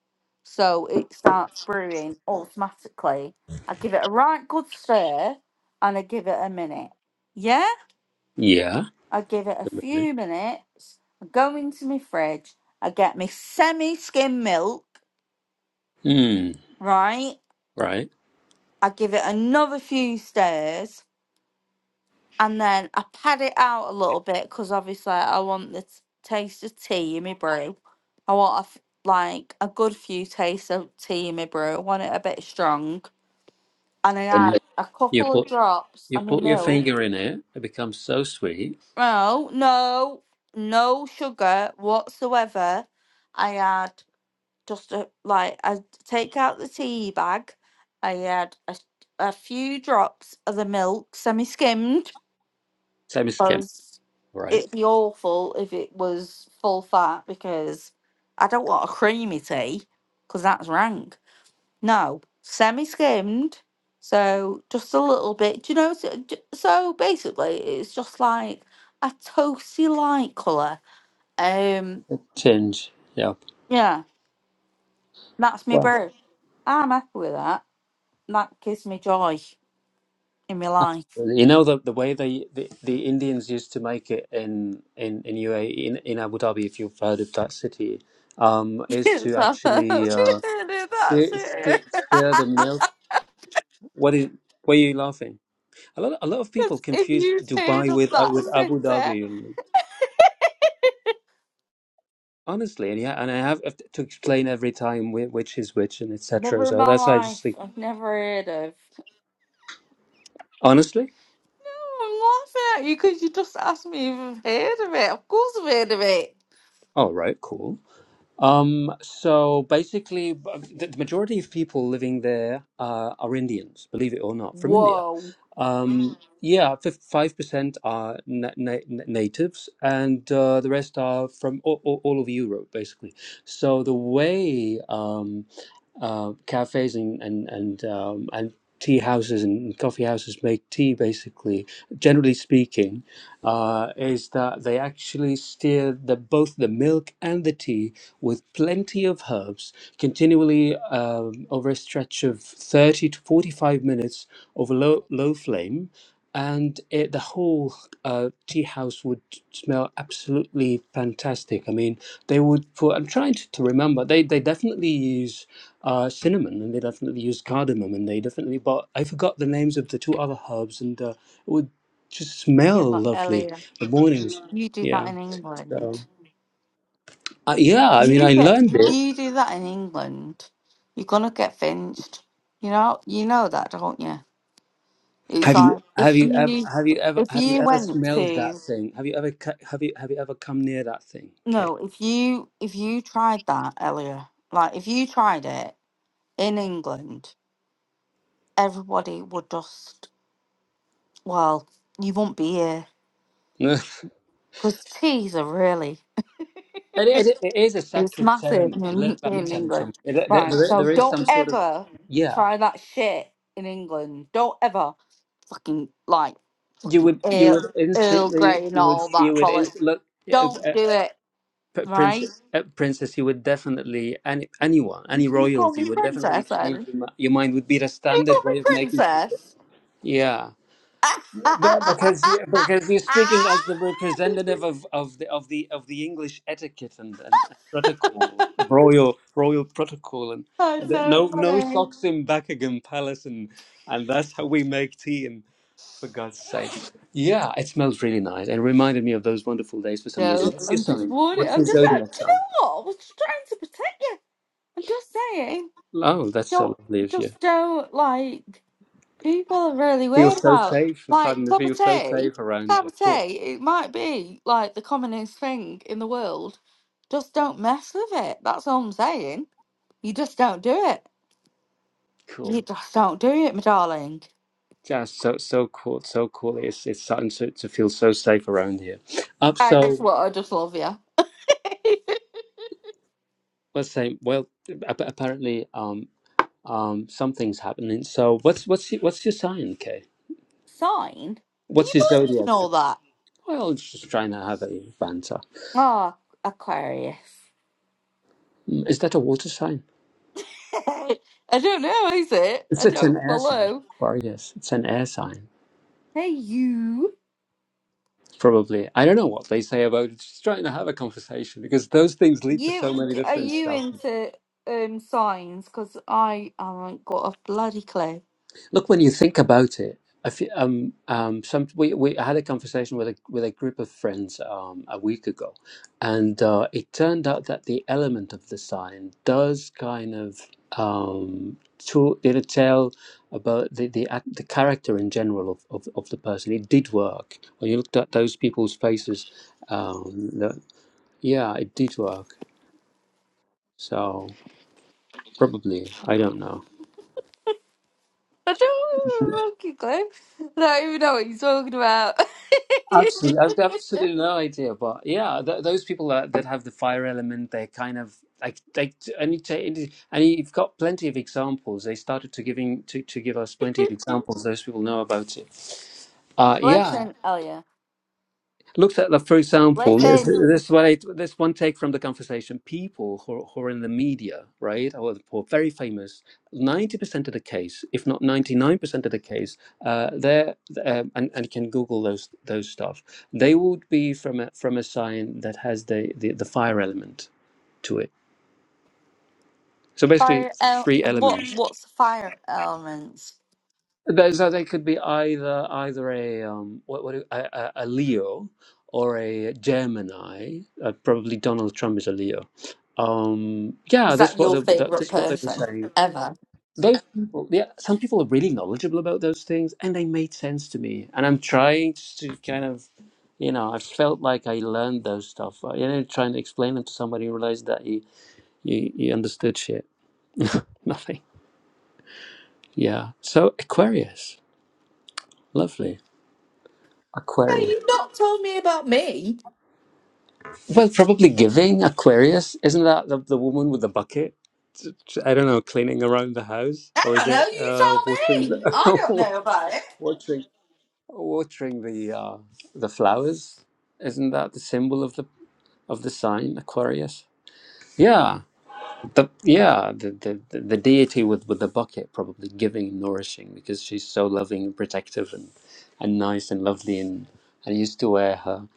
Speaker 2: So it starts brewing automatically. I give it a right good stir and I give it a minute. Yeah?
Speaker 3: Yeah.
Speaker 2: I give it a few minutes. I go into my fridge. I get my semi skim milk,
Speaker 3: Hmm.
Speaker 2: right?
Speaker 3: Right.
Speaker 2: I give it another few stirs and then I pad it out a little bit because obviously I want the t- taste of tea in my brew. I want a f- like a good few tastes of tea in my brew. I want it a bit strong. And I
Speaker 3: And
Speaker 2: add a
Speaker 3: you
Speaker 2: couple of
Speaker 3: put
Speaker 2: drops
Speaker 3: you
Speaker 2: of my
Speaker 3: put your
Speaker 2: milk.
Speaker 3: finger in it. It becomes so sweet.
Speaker 2: No, no, no sugar whatsoever. I add just a, like I take out the tea bag. I add a, a few drops of the milk, semi-skimmed,
Speaker 3: Same as Kim.
Speaker 2: because
Speaker 3: Right.
Speaker 2: it'd be awful if it was full fat. Because I don't want a creamy tea, because that's rank. No, semi-skimmed. So just a little bit. Do you know? So, j- so basically, it's just like a toasty light color. Um,
Speaker 3: change. Yeah.
Speaker 2: yeah, that's my
Speaker 3: Well,
Speaker 2: brew. I'm happy with that. that gives me joy in my life. [LAUGHS]
Speaker 3: you know the the way they the, the Indians used to make it in in in UAE in, in Abu Dhabi, if you've heard of that city, um, is to
Speaker 2: So, [LAUGHS]
Speaker 3: actually uh,
Speaker 2: that's
Speaker 3: stir, stir
Speaker 2: it.
Speaker 3: stir the
Speaker 2: [LAUGHS]
Speaker 3: milk. What is? Why are you laughing? A lot a lot of people
Speaker 2: 'Cause if
Speaker 3: confuse
Speaker 2: you've heard
Speaker 3: Dubai
Speaker 2: of
Speaker 3: with uh,
Speaker 2: that
Speaker 3: with Abu
Speaker 2: sister,
Speaker 3: Dhabi. Honestly, and yeah, and I have to explain every time whi- which is which and etc.
Speaker 2: never in
Speaker 3: So
Speaker 2: my
Speaker 3: that's why I just
Speaker 2: life,
Speaker 3: think
Speaker 2: I've never heard of.
Speaker 3: honestly.
Speaker 2: Oh, I'm laughing at you because you just asked me if I've heard of it. Of course I've heard of it.
Speaker 3: All right, cool. Um, so basically, b- the the majority of people living there uh, are Indians, believe it or not, from India.
Speaker 2: Whoa.
Speaker 3: Um, Mm. yeah, five percent are na na na- natives, and uh, the rest are from all, all, all over Europe, basically. So the way um, uh, cafes and and and, um, and tea houses and coffee houses make tea. Basically, generally speaking, uh, is that they actually steer the both the milk and the tea with plenty of herbs continually um, over a stretch of thirty to forty-five minutes over low low flame. And it, the whole uh, tea house would smell absolutely fantastic. I mean, they would put. I'm trying to, to remember. They they definitely use uh, cinnamon, and they definitely used cardamom, and they definitely. But I forgot the names of the two other herbs, and uh, it would just smell
Speaker 2: Yeah, but
Speaker 3: lovely
Speaker 2: Elliot,
Speaker 3: the mornings.
Speaker 2: you do that
Speaker 3: Yeah.
Speaker 2: in
Speaker 3: So
Speaker 2: England.
Speaker 3: uh, yeah, I mean,
Speaker 2: You
Speaker 3: I
Speaker 2: get
Speaker 3: learned it.
Speaker 2: you do that in England. You're gonna get finched. You know you know that, don't you? It's
Speaker 3: Have you
Speaker 2: like
Speaker 3: have
Speaker 2: if
Speaker 3: you ever
Speaker 2: you
Speaker 3: have you ever
Speaker 2: if
Speaker 3: have you
Speaker 2: you
Speaker 3: ever
Speaker 2: went
Speaker 3: smelled that
Speaker 2: to
Speaker 3: thing? Have you ever cu- have you have you ever come near that thing? Okay.
Speaker 2: no, if you if you tried that earlier, like if you tried it in England, everybody would just well, you won't be here
Speaker 3: [LAUGHS]
Speaker 2: because teas are really
Speaker 3: It, it, it is a
Speaker 2: it's
Speaker 3: sacred
Speaker 2: massive
Speaker 3: ceremony.
Speaker 2: in,
Speaker 3: Let, let me
Speaker 2: in
Speaker 3: tell you something.
Speaker 2: England,
Speaker 3: It- there,
Speaker 2: right?
Speaker 3: there
Speaker 2: So
Speaker 3: there is
Speaker 2: don't
Speaker 3: some sort of
Speaker 2: ever
Speaker 3: yeah.
Speaker 2: try that shit in England. Don't ever fucking like
Speaker 3: You
Speaker 2: fucking
Speaker 3: would you
Speaker 2: Earl,
Speaker 3: would
Speaker 2: Earl
Speaker 3: instantly
Speaker 2: Grey and
Speaker 3: you would
Speaker 2: all that
Speaker 3: you would inst-
Speaker 2: bollocks.
Speaker 3: look.
Speaker 2: Don't
Speaker 3: yeah,
Speaker 2: do it,
Speaker 3: P-
Speaker 2: right?
Speaker 3: Prince, uh, princess, you would definitely any anyone, any
Speaker 2: You call me
Speaker 3: royalty would definitely
Speaker 2: princess,
Speaker 3: change
Speaker 2: and
Speaker 3: your, mi- your mind. Would be the
Speaker 2: you call
Speaker 3: standard
Speaker 2: me
Speaker 3: way of making people.
Speaker 2: princess.
Speaker 3: Yeah,
Speaker 2: [LAUGHS]
Speaker 3: but
Speaker 2: That's
Speaker 3: because you- because you're speaking as the representative of, of the of the of the English etiquette and, and protocol, royal royal protocol, and, and
Speaker 2: so
Speaker 3: no no
Speaker 2: funny.
Speaker 3: socks in Buckingham Palace, and and that's how we make tea. And for God's sake, yeah, it smells really nice. and reminded me of those wonderful days for some
Speaker 2: No,
Speaker 3: reason. What's your
Speaker 2: I'm just
Speaker 3: sign?
Speaker 2: warning.
Speaker 3: What's
Speaker 2: I'm
Speaker 3: your
Speaker 2: just. uh, Do
Speaker 3: zodiac
Speaker 2: you
Speaker 3: sign?
Speaker 2: know what? I was just trying to protect you. I'm just saying.
Speaker 3: Oh, that's
Speaker 2: Don't
Speaker 3: so lovely of you.
Speaker 2: just don't like people are really
Speaker 3: Feel
Speaker 2: weird
Speaker 3: so
Speaker 2: about
Speaker 3: safe. I'm starting
Speaker 2: like
Speaker 3: to
Speaker 2: cup
Speaker 3: feel
Speaker 2: of
Speaker 3: so
Speaker 2: tea.
Speaker 3: safe around
Speaker 2: Cup
Speaker 3: you.
Speaker 2: of tea.
Speaker 3: Cool.
Speaker 2: It might be like the commonest thing in the world. Just don't mess with it. That's all I'm saying. You just don't do it. You
Speaker 3: Cool.
Speaker 2: just don't do it, my darling.
Speaker 3: Just so so cool. So cool. It's it's starting to, to feel so safe around here. Up
Speaker 2: I just
Speaker 3: so
Speaker 2: want, I just love you. [LAUGHS]
Speaker 3: let's say well ap- apparently um um something's happening. So what's what's your, what's your sign, Kay?
Speaker 2: Sign? Do
Speaker 3: What's
Speaker 2: you
Speaker 3: your
Speaker 2: believe in
Speaker 3: zodiac sign?
Speaker 2: all that?
Speaker 3: Well, it's just trying to have a banter.
Speaker 2: Oh, Aquarius.
Speaker 3: Mm, Is that a water sign?
Speaker 2: [LAUGHS] I don't know, is it?
Speaker 3: It's
Speaker 2: I
Speaker 3: it's an
Speaker 2: don't
Speaker 3: air sign.
Speaker 2: below.
Speaker 3: Aquarius. It's an air sign.
Speaker 2: Hey, you.
Speaker 3: Probably. I don't know what they say about it. Just trying to have a conversation because those things lead to
Speaker 2: You
Speaker 3: so many
Speaker 2: are
Speaker 3: different
Speaker 2: you
Speaker 3: stuff.
Speaker 2: into um signs? Because I haven't got a bloody clue.
Speaker 3: Look, when you think about it, I fe- um, um, some, we, we I had a conversation with a, with a group of friends um, a week ago, and uh, it turned out that the element of the sign does kind of um, to, you know, tell about the, the, act- the character in general of, of, of the person. It did work. When you looked at those people's faces, um, the, yeah, it did work. So probably, I don't know.
Speaker 2: I don't have a fucking clue. I don't even know what you're talking about.
Speaker 3: So I've got absolutely no idea, but yeah, th- those people that, that have the fire element, they're kind of like like and you and and you've got plenty of examples. They started to giving to, to give us plenty of examples. Those people know about it. Uh,
Speaker 2: [LAUGHS]
Speaker 3: yeah,
Speaker 2: listen, Elia.
Speaker 3: looked at that, for example, this,
Speaker 2: Listen.
Speaker 3: this is what I, this one take from the conversation. People who, who are in the media, right, or who are very famous, 90% of the case, if not 99% of the case, uh, they're, um, and, and you can Google those those stuff, they would be from a, from a sign that has the, the, the fire element to it. So basically,
Speaker 2: Fire. El-
Speaker 3: three
Speaker 2: what?
Speaker 3: elements.
Speaker 2: What's fire elements?
Speaker 3: But So they could be either either a um what what do- a, a, a Leo or a Gemini. Uh, probably Donald Trump is a Leo. Um, yeah,
Speaker 2: Is
Speaker 3: this
Speaker 2: that
Speaker 3: is what
Speaker 2: your
Speaker 3: they, that, this
Speaker 2: favorite
Speaker 3: is what they were
Speaker 2: person
Speaker 3: saying.
Speaker 2: ever?
Speaker 3: Those people, yeah, some people are really knowledgeable about those things, and they made sense to me. And I'm trying to kind of, you know, I felt like I learned those stuff. uh, You know, trying to explain them to somebody, who realized that you you, you understood shit. [LAUGHS] Nothing. Yeah. So Aquarius, lovely
Speaker 2: No,
Speaker 3: Aquarius.
Speaker 2: you've not told me about me.
Speaker 3: Well, probably giving Aquarius. Isn't that the, the woman with the bucket? I t- I don't know, cleaning around the house,
Speaker 2: I
Speaker 3: or is
Speaker 2: don't know.
Speaker 3: it
Speaker 2: You
Speaker 3: uh,
Speaker 2: told me.
Speaker 3: watering
Speaker 2: I don't
Speaker 3: the
Speaker 2: know about it.
Speaker 3: [LAUGHS] watering watering the uh, the flowers? Isn't that the symbol of the of the sign Aquarius? Yeah, the yeah the the, the the deity with with the bucket probably giving and nourishing because she's so loving and protective and and nice and lovely and I used to wear her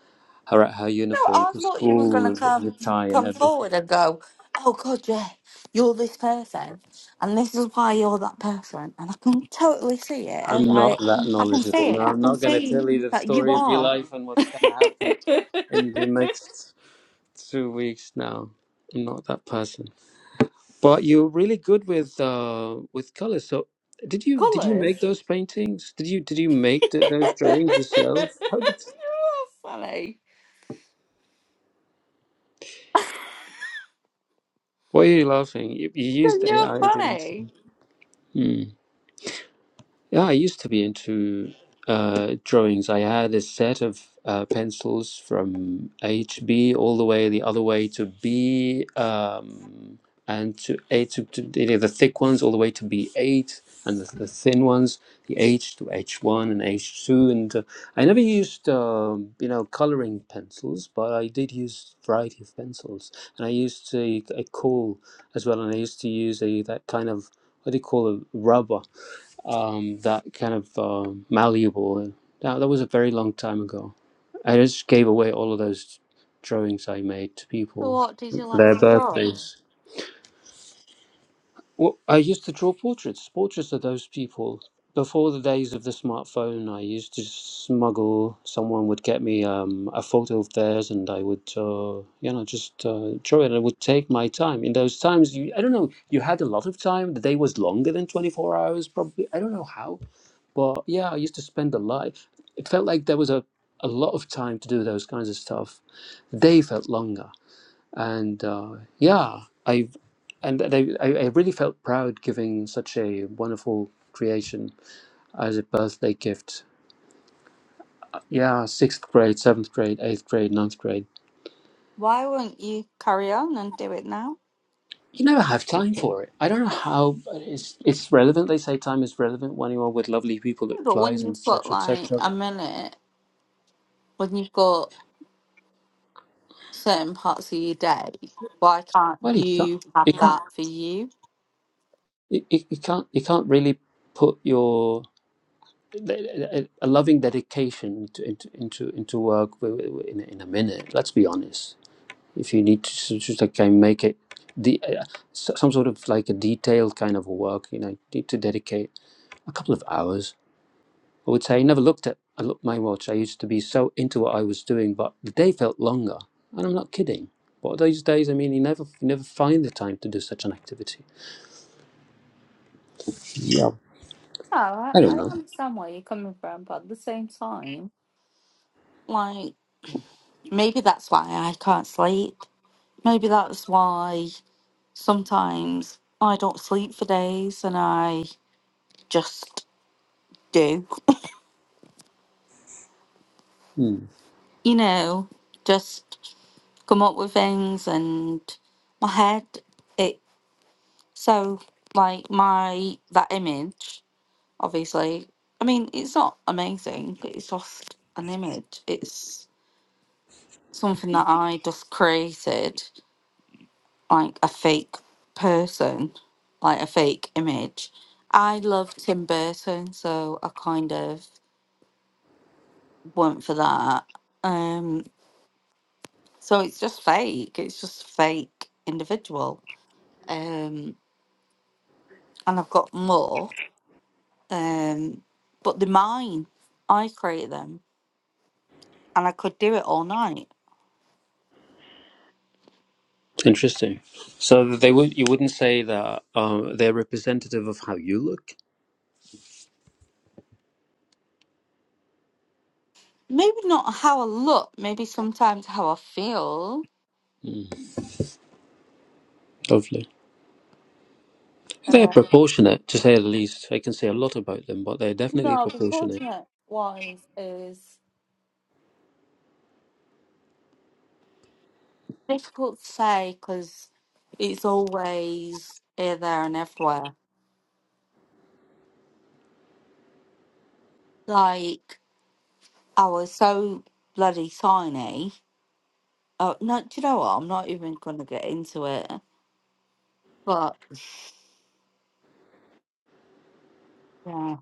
Speaker 3: her her
Speaker 2: No,
Speaker 3: uniform
Speaker 2: I
Speaker 3: to
Speaker 2: thought you were
Speaker 3: school
Speaker 2: gonna
Speaker 3: with the
Speaker 2: come
Speaker 3: tie and
Speaker 2: come
Speaker 3: everything.
Speaker 2: forward and go. Oh God, yeah, you're this person, and this is why you're that person, and I can totally see it. It's
Speaker 3: I'm
Speaker 2: like
Speaker 3: not that
Speaker 2: I can
Speaker 3: knowledgeable.
Speaker 2: see
Speaker 3: No,
Speaker 2: it. I
Speaker 3: I'm
Speaker 2: can
Speaker 3: not going to
Speaker 2: see
Speaker 3: tell you the
Speaker 2: that you
Speaker 3: story of your
Speaker 2: are
Speaker 3: life and
Speaker 2: [LAUGHS]
Speaker 3: what's going to happen in the next two weeks. No, I'm not that person. But you're really good with uh, with colors. So, did you did you make
Speaker 2: colors. [LAUGHS]
Speaker 3: those paintings? Did you did you make th those drawings yourself? How did?
Speaker 2: funny. [LAUGHS]
Speaker 3: Why are you laughing? You, you used
Speaker 2: You're
Speaker 3: AI, didn't you?
Speaker 2: funny.
Speaker 3: Hmm. Yeah, I used to be into uh, drawings. I had a set of uh, pencils from HB all the way the other way to B um, and to A to, to the the thick ones all the way to B8 and the, the thin ones, the H to H1 and H2. And uh, I never used, um, you know, coloring pencils, but I did use variety of pencils. And I used a, a cool as well, and I used to use a that kind of what do you call it, rubber um, that kind of um malleable. That, that was a very long time ago. I just gave away all of those drawings I made to
Speaker 2: So
Speaker 3: people
Speaker 2: what did
Speaker 3: for
Speaker 2: you like
Speaker 3: their
Speaker 2: to draw?
Speaker 3: birthdays. Well, I used to draw portraits, portraits of those people. Before the days of the smartphone, I used to smuggle. Someone would get me um, a photo of theirs, and I would, uh, you know, just uh, draw it. I would take my time. In those times, you, I don't know, you had a lot of time. The day was longer than twenty-four hours, probably. I don't know how but yeah, I used to spend a lot. It felt like there was a, a lot of time to do those kinds of stuff. They felt longer, and uh, yeah, I and I, I I really felt proud giving such a wonderful creation as a birthday gift. Yeah, sixth grade, seventh grade, eighth grade, ninth grade.
Speaker 2: Why won't you carry on and do it now?
Speaker 3: You never have time for it. I don't know how but it's it's relevant. They say time is relevant when you are with lovely people. It
Speaker 2: Yeah, but when
Speaker 3: flies and
Speaker 2: you've got
Speaker 3: etc.
Speaker 2: like
Speaker 3: etc.
Speaker 2: a minute, when you've got certain parts of your day, why can't
Speaker 3: Well, you can't.
Speaker 2: you have
Speaker 3: You can't
Speaker 2: that for you?
Speaker 3: you, you can't you can't really put your a a loving dedication to, into into into work wi- wi- wi- in, in a minute. Let's be honest. If you need to s- just like kind of make it the uh, s- some sort of like a detailed kind of a work, you know, you need to dedicate a couple of hours. I would say I never looked at I looked my watch. I used to be so into what I was doing, but the day felt longer, and I'm not kidding. But those days, I mean, you never you never find the time to do such an activity. Yeah.
Speaker 2: No, I,
Speaker 3: I don't
Speaker 2: I
Speaker 3: know.
Speaker 2: understand where you're coming from, but at the same time, like maybe that's why I can't sleep. Maybe that's why sometimes I don't sleep for days and I just do.
Speaker 3: Hmm.
Speaker 2: You know, just come up with things and my head it so like my that image obviously i mean it's not amazing but it's just an image it's something that i just created like a fake person like a fake image i love tim burton so i kind of went for that um so it's just fake it's just fake individual um and i've got more Um, but they're mine. I create them, and I could do it all night.
Speaker 3: Interesting. So they would you wouldn't say that um, they're representative of how you look.
Speaker 2: Maybe not how I look. Maybe sometimes how I feel.
Speaker 3: Mm, lovely. They're
Speaker 2: Uh,
Speaker 3: proportionate, to say the least. I can say a lot about them, but they're definitely
Speaker 2: no,
Speaker 3: proportionate.
Speaker 2: proportionate wise is difficult to say because it's always here, there, and everywhere. Like I was so bloody tiny. Oh no! Do you know what? I'm not even gonna get into it. But yeah,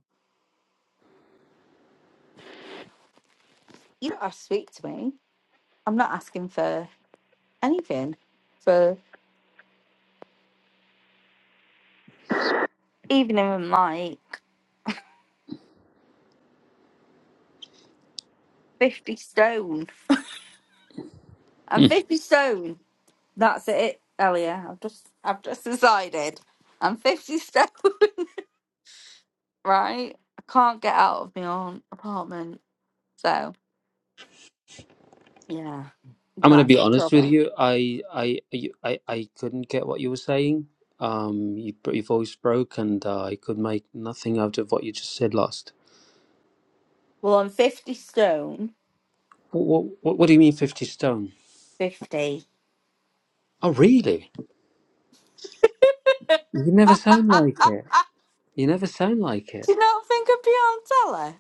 Speaker 2: you don't have to speak to me. I'm not asking for anything for even if I'm like 50 stone. I'm
Speaker 3: Mm.
Speaker 2: 50 stone. That's it, Elia. I've just I've just decided. I'm 50 stone, [LAUGHS] right? I can't get out of my own apartment. So, yeah,
Speaker 3: I'm going to be
Speaker 2: that's the
Speaker 3: honest with
Speaker 2: trouble.
Speaker 3: you. I I you- I, I couldn't get what you were saying. Um, you, your voice broke, and uh, I could make nothing out of what you just said last.
Speaker 2: Well, I'm 50 stone.
Speaker 3: What, what What do you mean, fifty stone?
Speaker 2: 50.
Speaker 3: Oh, really? You never sound like it. You never sound like it.
Speaker 2: Do you not think I'd be on telly?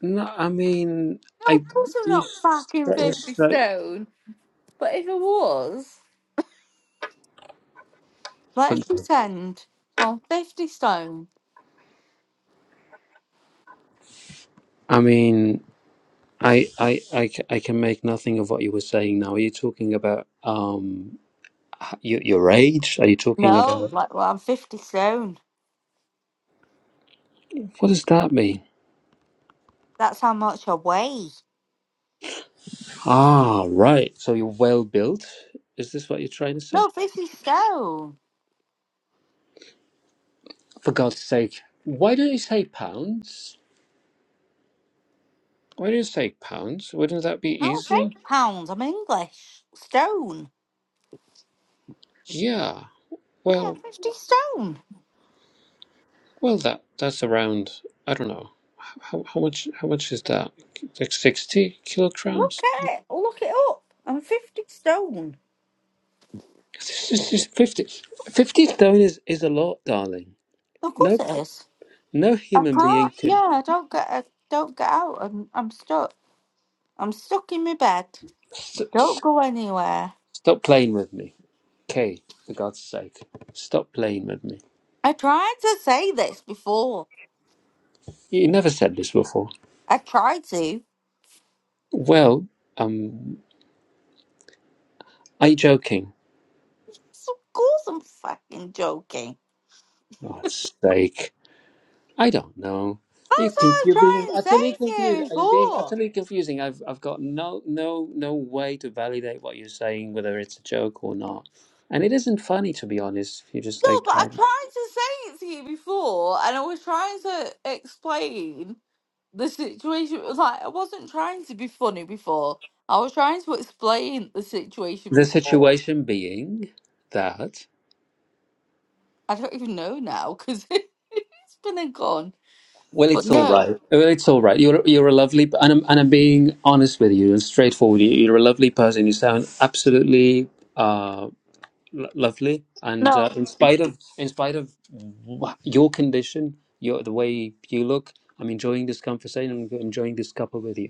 Speaker 3: No, I mean,
Speaker 2: No,
Speaker 3: I
Speaker 2: of course I'm
Speaker 3: you
Speaker 2: not fucking 50
Speaker 3: straight
Speaker 2: stone. But if I was,
Speaker 3: for.
Speaker 2: let's pretend I'm 50 stone.
Speaker 3: I mean, I, I, I, ca- I can make nothing of what you were saying. Now, are you talking about um your your age? Are you talking
Speaker 2: No,
Speaker 3: about
Speaker 2: like, well, I'm 50 stone.
Speaker 3: what does that mean?
Speaker 2: That's how much I weigh.
Speaker 3: Ah, right. So you're well built. Is this what you're trying to say?
Speaker 2: No, 50 stone.
Speaker 3: For God's sake, why don't you say pounds? Why don't you say pounds? Wouldn't that be
Speaker 2: Not
Speaker 3: easier?
Speaker 2: eight pounds. I'm English. Stone.
Speaker 3: Yeah.
Speaker 2: Yeah,
Speaker 3: Well.
Speaker 2: 50 stone.
Speaker 3: Well, that that's around I don't know h- how how much how much is that like sixty
Speaker 2: Look
Speaker 3: kilograms?
Speaker 2: at it. Look it up. I'm 50 stone.
Speaker 3: It's just, just 50, 50 stone is is a lot, darling.
Speaker 2: Of course
Speaker 3: No
Speaker 2: it is.
Speaker 3: no
Speaker 2: I
Speaker 3: human being
Speaker 2: can't.
Speaker 3: can
Speaker 2: Yeah, I don't get, I don't get out. I'm, I'm stuck. I'm stuck in my bed.
Speaker 3: st-
Speaker 2: Don't go anywhere.
Speaker 3: stop playing with me, Kay. For God's sake, stop playing with me.
Speaker 2: I tried to say this before.
Speaker 3: You never said this before.
Speaker 2: I tried to.
Speaker 3: Well, um, are you joking?
Speaker 2: So of course I'm fucking joking.
Speaker 3: For God's sake. I don't know. You
Speaker 2: That's what
Speaker 3: conf-
Speaker 2: I was
Speaker 3: You're being
Speaker 2: trying to
Speaker 3: utterly
Speaker 2: say to
Speaker 3: confused.
Speaker 2: you
Speaker 3: Are you being
Speaker 2: before.
Speaker 3: utterly confusing? I've I've got no no no way to validate what you're saying, whether it's a joke or not. And it isn't funny to be honest. You're just
Speaker 2: No,
Speaker 3: like
Speaker 2: but I
Speaker 3: I-
Speaker 2: tried to say it to you before, and I was trying to explain the situation. Like, I wasn't trying to be funny before. I was trying to explain the situation
Speaker 3: the
Speaker 2: before.
Speaker 3: situation being that.
Speaker 2: I don't even know now because [LAUGHS] it's been and gone.
Speaker 3: Well,
Speaker 2: But
Speaker 3: it's all
Speaker 2: no,
Speaker 3: right. Well, it's all right. You're you're a lovely, and I'm and I'm being honest with you and straightforward. You- You're a lovely person. You sound absolutely. uh, Lo- lovely and uh,
Speaker 2: no,
Speaker 3: in spite of in spite of wha- your condition your the way you look i'm enjoying this conversation i'm enjoying this couple with you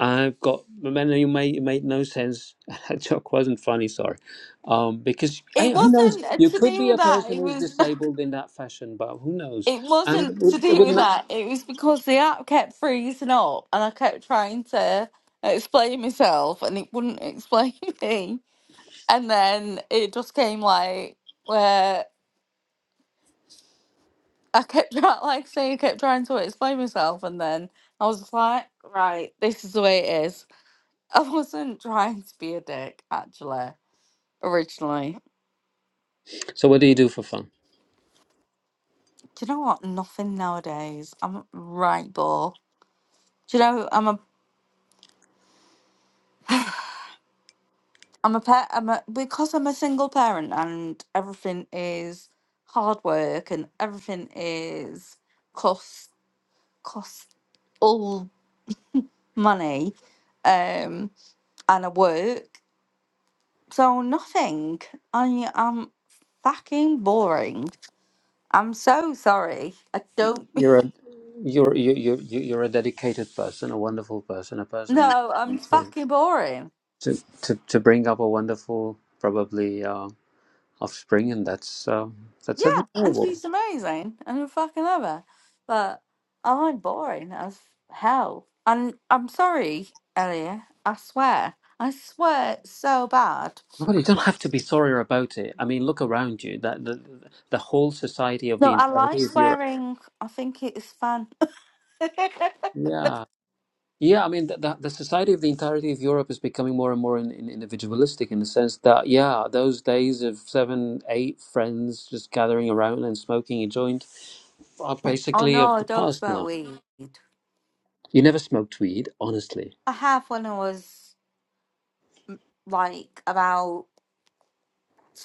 Speaker 3: i've got man you made it made no sense [LAUGHS] that joke wasn't funny sorry um because hey,
Speaker 2: it
Speaker 3: who knows
Speaker 2: wasn't uh,
Speaker 3: you
Speaker 2: to
Speaker 3: could
Speaker 2: do
Speaker 3: be a
Speaker 2: with that.
Speaker 3: person
Speaker 2: It
Speaker 3: who's
Speaker 2: was. [LAUGHS]
Speaker 3: disabled in that fashion but who knows
Speaker 2: It
Speaker 3: and it
Speaker 2: wasn't
Speaker 3: would
Speaker 2: to
Speaker 3: it
Speaker 2: do
Speaker 3: would
Speaker 2: with
Speaker 3: not
Speaker 2: that. It was because the app kept freezing up, and I kept trying to explain myself, and it wouldn't explain [LAUGHS] me. and then it just came like where I kept [LAUGHS] trying, like say, I kept trying to explain myself, and then I was just like, right, this is the way it is. I [LAUGHS] wasn't trying to be a dick actually originally.
Speaker 3: so what do you do for fun
Speaker 2: Do you know what? Nothing nowadays. I'm right ball. Do you know I'm a I'm a pet. I'm a because I'm a single parent and everything is hard work and everything is cost cost all money. Um, and I work, so nothing. I am fucking boring. I'm so sorry. I don't. [LAUGHS]
Speaker 3: you're a you're you're you're, you're a dedicated person a wonderful person a person
Speaker 2: No, I'm
Speaker 3: who
Speaker 2: fucking boring.
Speaker 3: to to, to bring up a wonderful probably uh, offspring, and that's uh, that's
Speaker 2: Yeah, and
Speaker 3: admirable.
Speaker 2: she's amazing, and I fucking love her. But I'm boring as hell. And I'm sorry, Elliot. I swear. I swear it's so bad.
Speaker 3: Well, you don't have to be sorry about it. I mean, look around you. That the the whole society of the
Speaker 2: No, I
Speaker 3: entirety
Speaker 2: like
Speaker 3: of Europe.
Speaker 2: swearing. I think it's fun. [LAUGHS] oh
Speaker 3: Yeah, yeah. I mean, the, the, the society of the entirety of Europe is becoming more and more in, in, individualistic in the sense that yeah, those days of seven, eight friends just gathering around and smoking a joint are basically
Speaker 2: no,
Speaker 3: of
Speaker 2: I
Speaker 3: the
Speaker 2: don't
Speaker 3: past
Speaker 2: smoke
Speaker 3: now.
Speaker 2: weed.
Speaker 3: You never smoked weed, honestly.
Speaker 2: I have when I was like about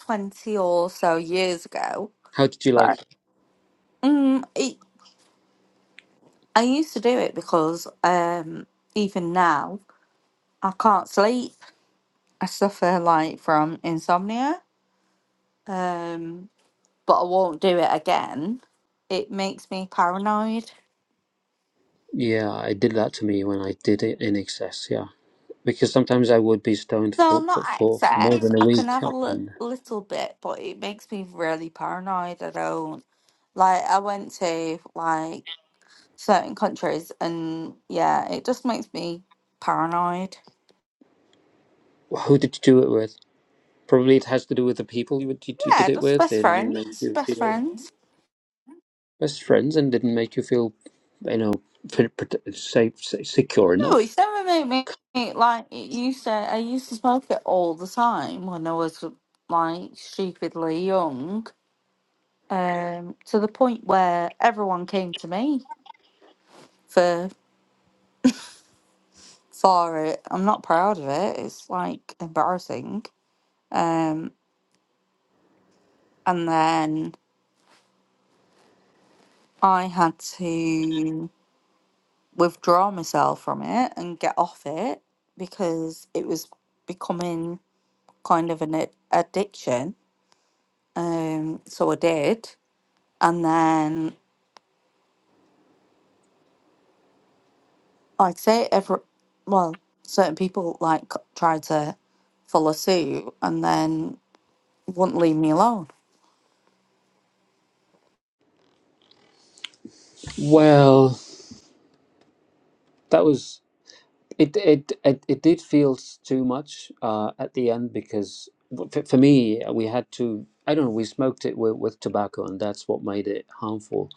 Speaker 2: 20 or so years ago.
Speaker 3: How did you like?
Speaker 2: Right. Mm, it, I used to do it because um, even now I can't sleep. I suffer like from insomnia, um, but I won't do it again. It makes me paranoid.
Speaker 3: Yeah, it did that to me when I did it in excess. Yeah, because sometimes I would be stoned
Speaker 2: No,
Speaker 3: for
Speaker 2: not
Speaker 3: for for, for more
Speaker 2: excess.
Speaker 3: than a
Speaker 2: I
Speaker 3: week.
Speaker 2: can have a
Speaker 3: I
Speaker 2: li-
Speaker 3: mean,
Speaker 2: little bit, but it makes me really paranoid. I don't like. I went to like certain countries and yeah it just makes me paranoid
Speaker 3: who did you do it with? Probably it has to do with the people you, you, you did
Speaker 2: yeah
Speaker 3: it
Speaker 2: just
Speaker 3: with.
Speaker 2: best
Speaker 3: They didn't make
Speaker 2: friends
Speaker 3: you
Speaker 2: best
Speaker 3: feel
Speaker 2: friends
Speaker 3: best friends and didn't make you feel, you know, pre- pre- safe, safe, secure
Speaker 2: no
Speaker 3: enough.
Speaker 2: it's never made me like it used to i used to smoke it all the time when i was like stupidly young um to the point where everyone came to me for for it i'm not proud of it it's like embarrassing um and then i had to withdraw myself from it and get off it because it was becoming kind of an ad- addiction. Um, so I did, and then I'd say every well, certain people like tried to follow suit and then wouldn't leave me alone.
Speaker 3: Well, that was. It it it, it did feel s- too much uh, at the end because w- f- for me uh, we had to I don't know we smoked it with, with tobacco and that's what made it harmful.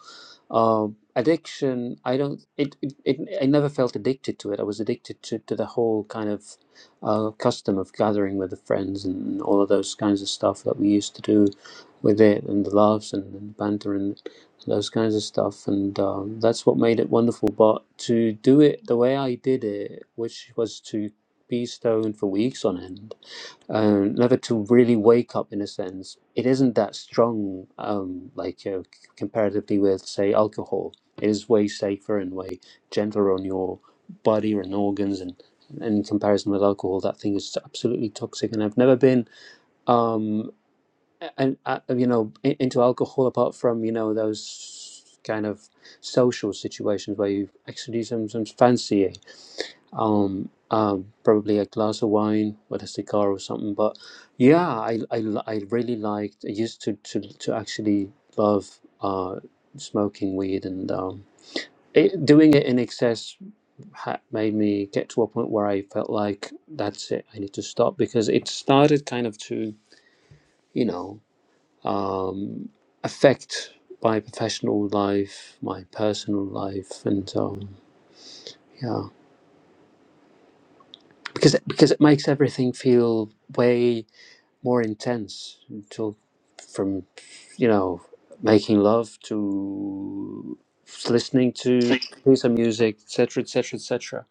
Speaker 3: Um, addiction I don't it, it it I never felt addicted to it. I was addicted to, to the whole kind of uh, custom of gathering with the friends and all of those kinds of stuff that we used to do with it and the laughs and, the banter those kinds of stuff, and um, that's what made it wonderful. But to do it the way I did it, which was to be stoned for weeks on end, um, never to really wake up in a sense, it isn't that strong, um, like you know, c- comparatively with say alcohol. It is way safer and way gentler on your body and organs and. In comparison with alcohol, that thing is absolutely toxic, and I've never been. Um and uh, you know i- into alcohol apart from you know those kind of social situations where you actually do some, some fancying um um probably a glass of wine with a cigar or something but yeah i i, li- I really liked i used to to, to actually love uh smoking weed and um it, doing it in excess ha- made me get to a point where I felt like that's it. I need to stop because it started kind of to, you know um, affect my professional life, my personal life, and um, yeah, because because it makes everything feel way more intense. Until from you know making love to listening to piece of music, etc., etc., etc.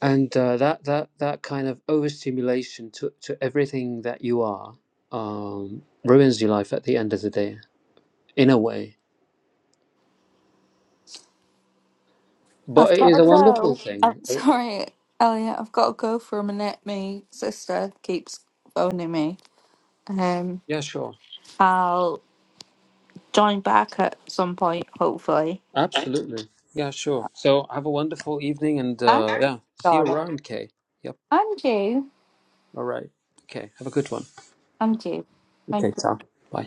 Speaker 3: And uh, that that that kind of overstimulation to to everything that you are um, ruins your life at the end of the day in a way But
Speaker 2: I've
Speaker 3: it
Speaker 2: got
Speaker 3: is
Speaker 2: to
Speaker 3: a wonderful
Speaker 2: go. I'm
Speaker 3: thing.
Speaker 2: [LAUGHS]
Speaker 3: Oh,
Speaker 2: sorry, Elliot. I've got to go for a minute. My sister keeps phoning me. Um,
Speaker 3: Yeah, sure.
Speaker 2: I'll join back at some point, hopefully.
Speaker 3: Absolutely. Yeah, sure. So have a wonderful evening and
Speaker 2: I'm
Speaker 3: uh, yeah, see you
Speaker 2: Charlotte.
Speaker 3: around, Kay. Yep.
Speaker 2: I'm Jay.
Speaker 3: All right. Okay. Have a good one.
Speaker 2: I'm Jay. Thank you.
Speaker 3: Okay, Ta. Bye.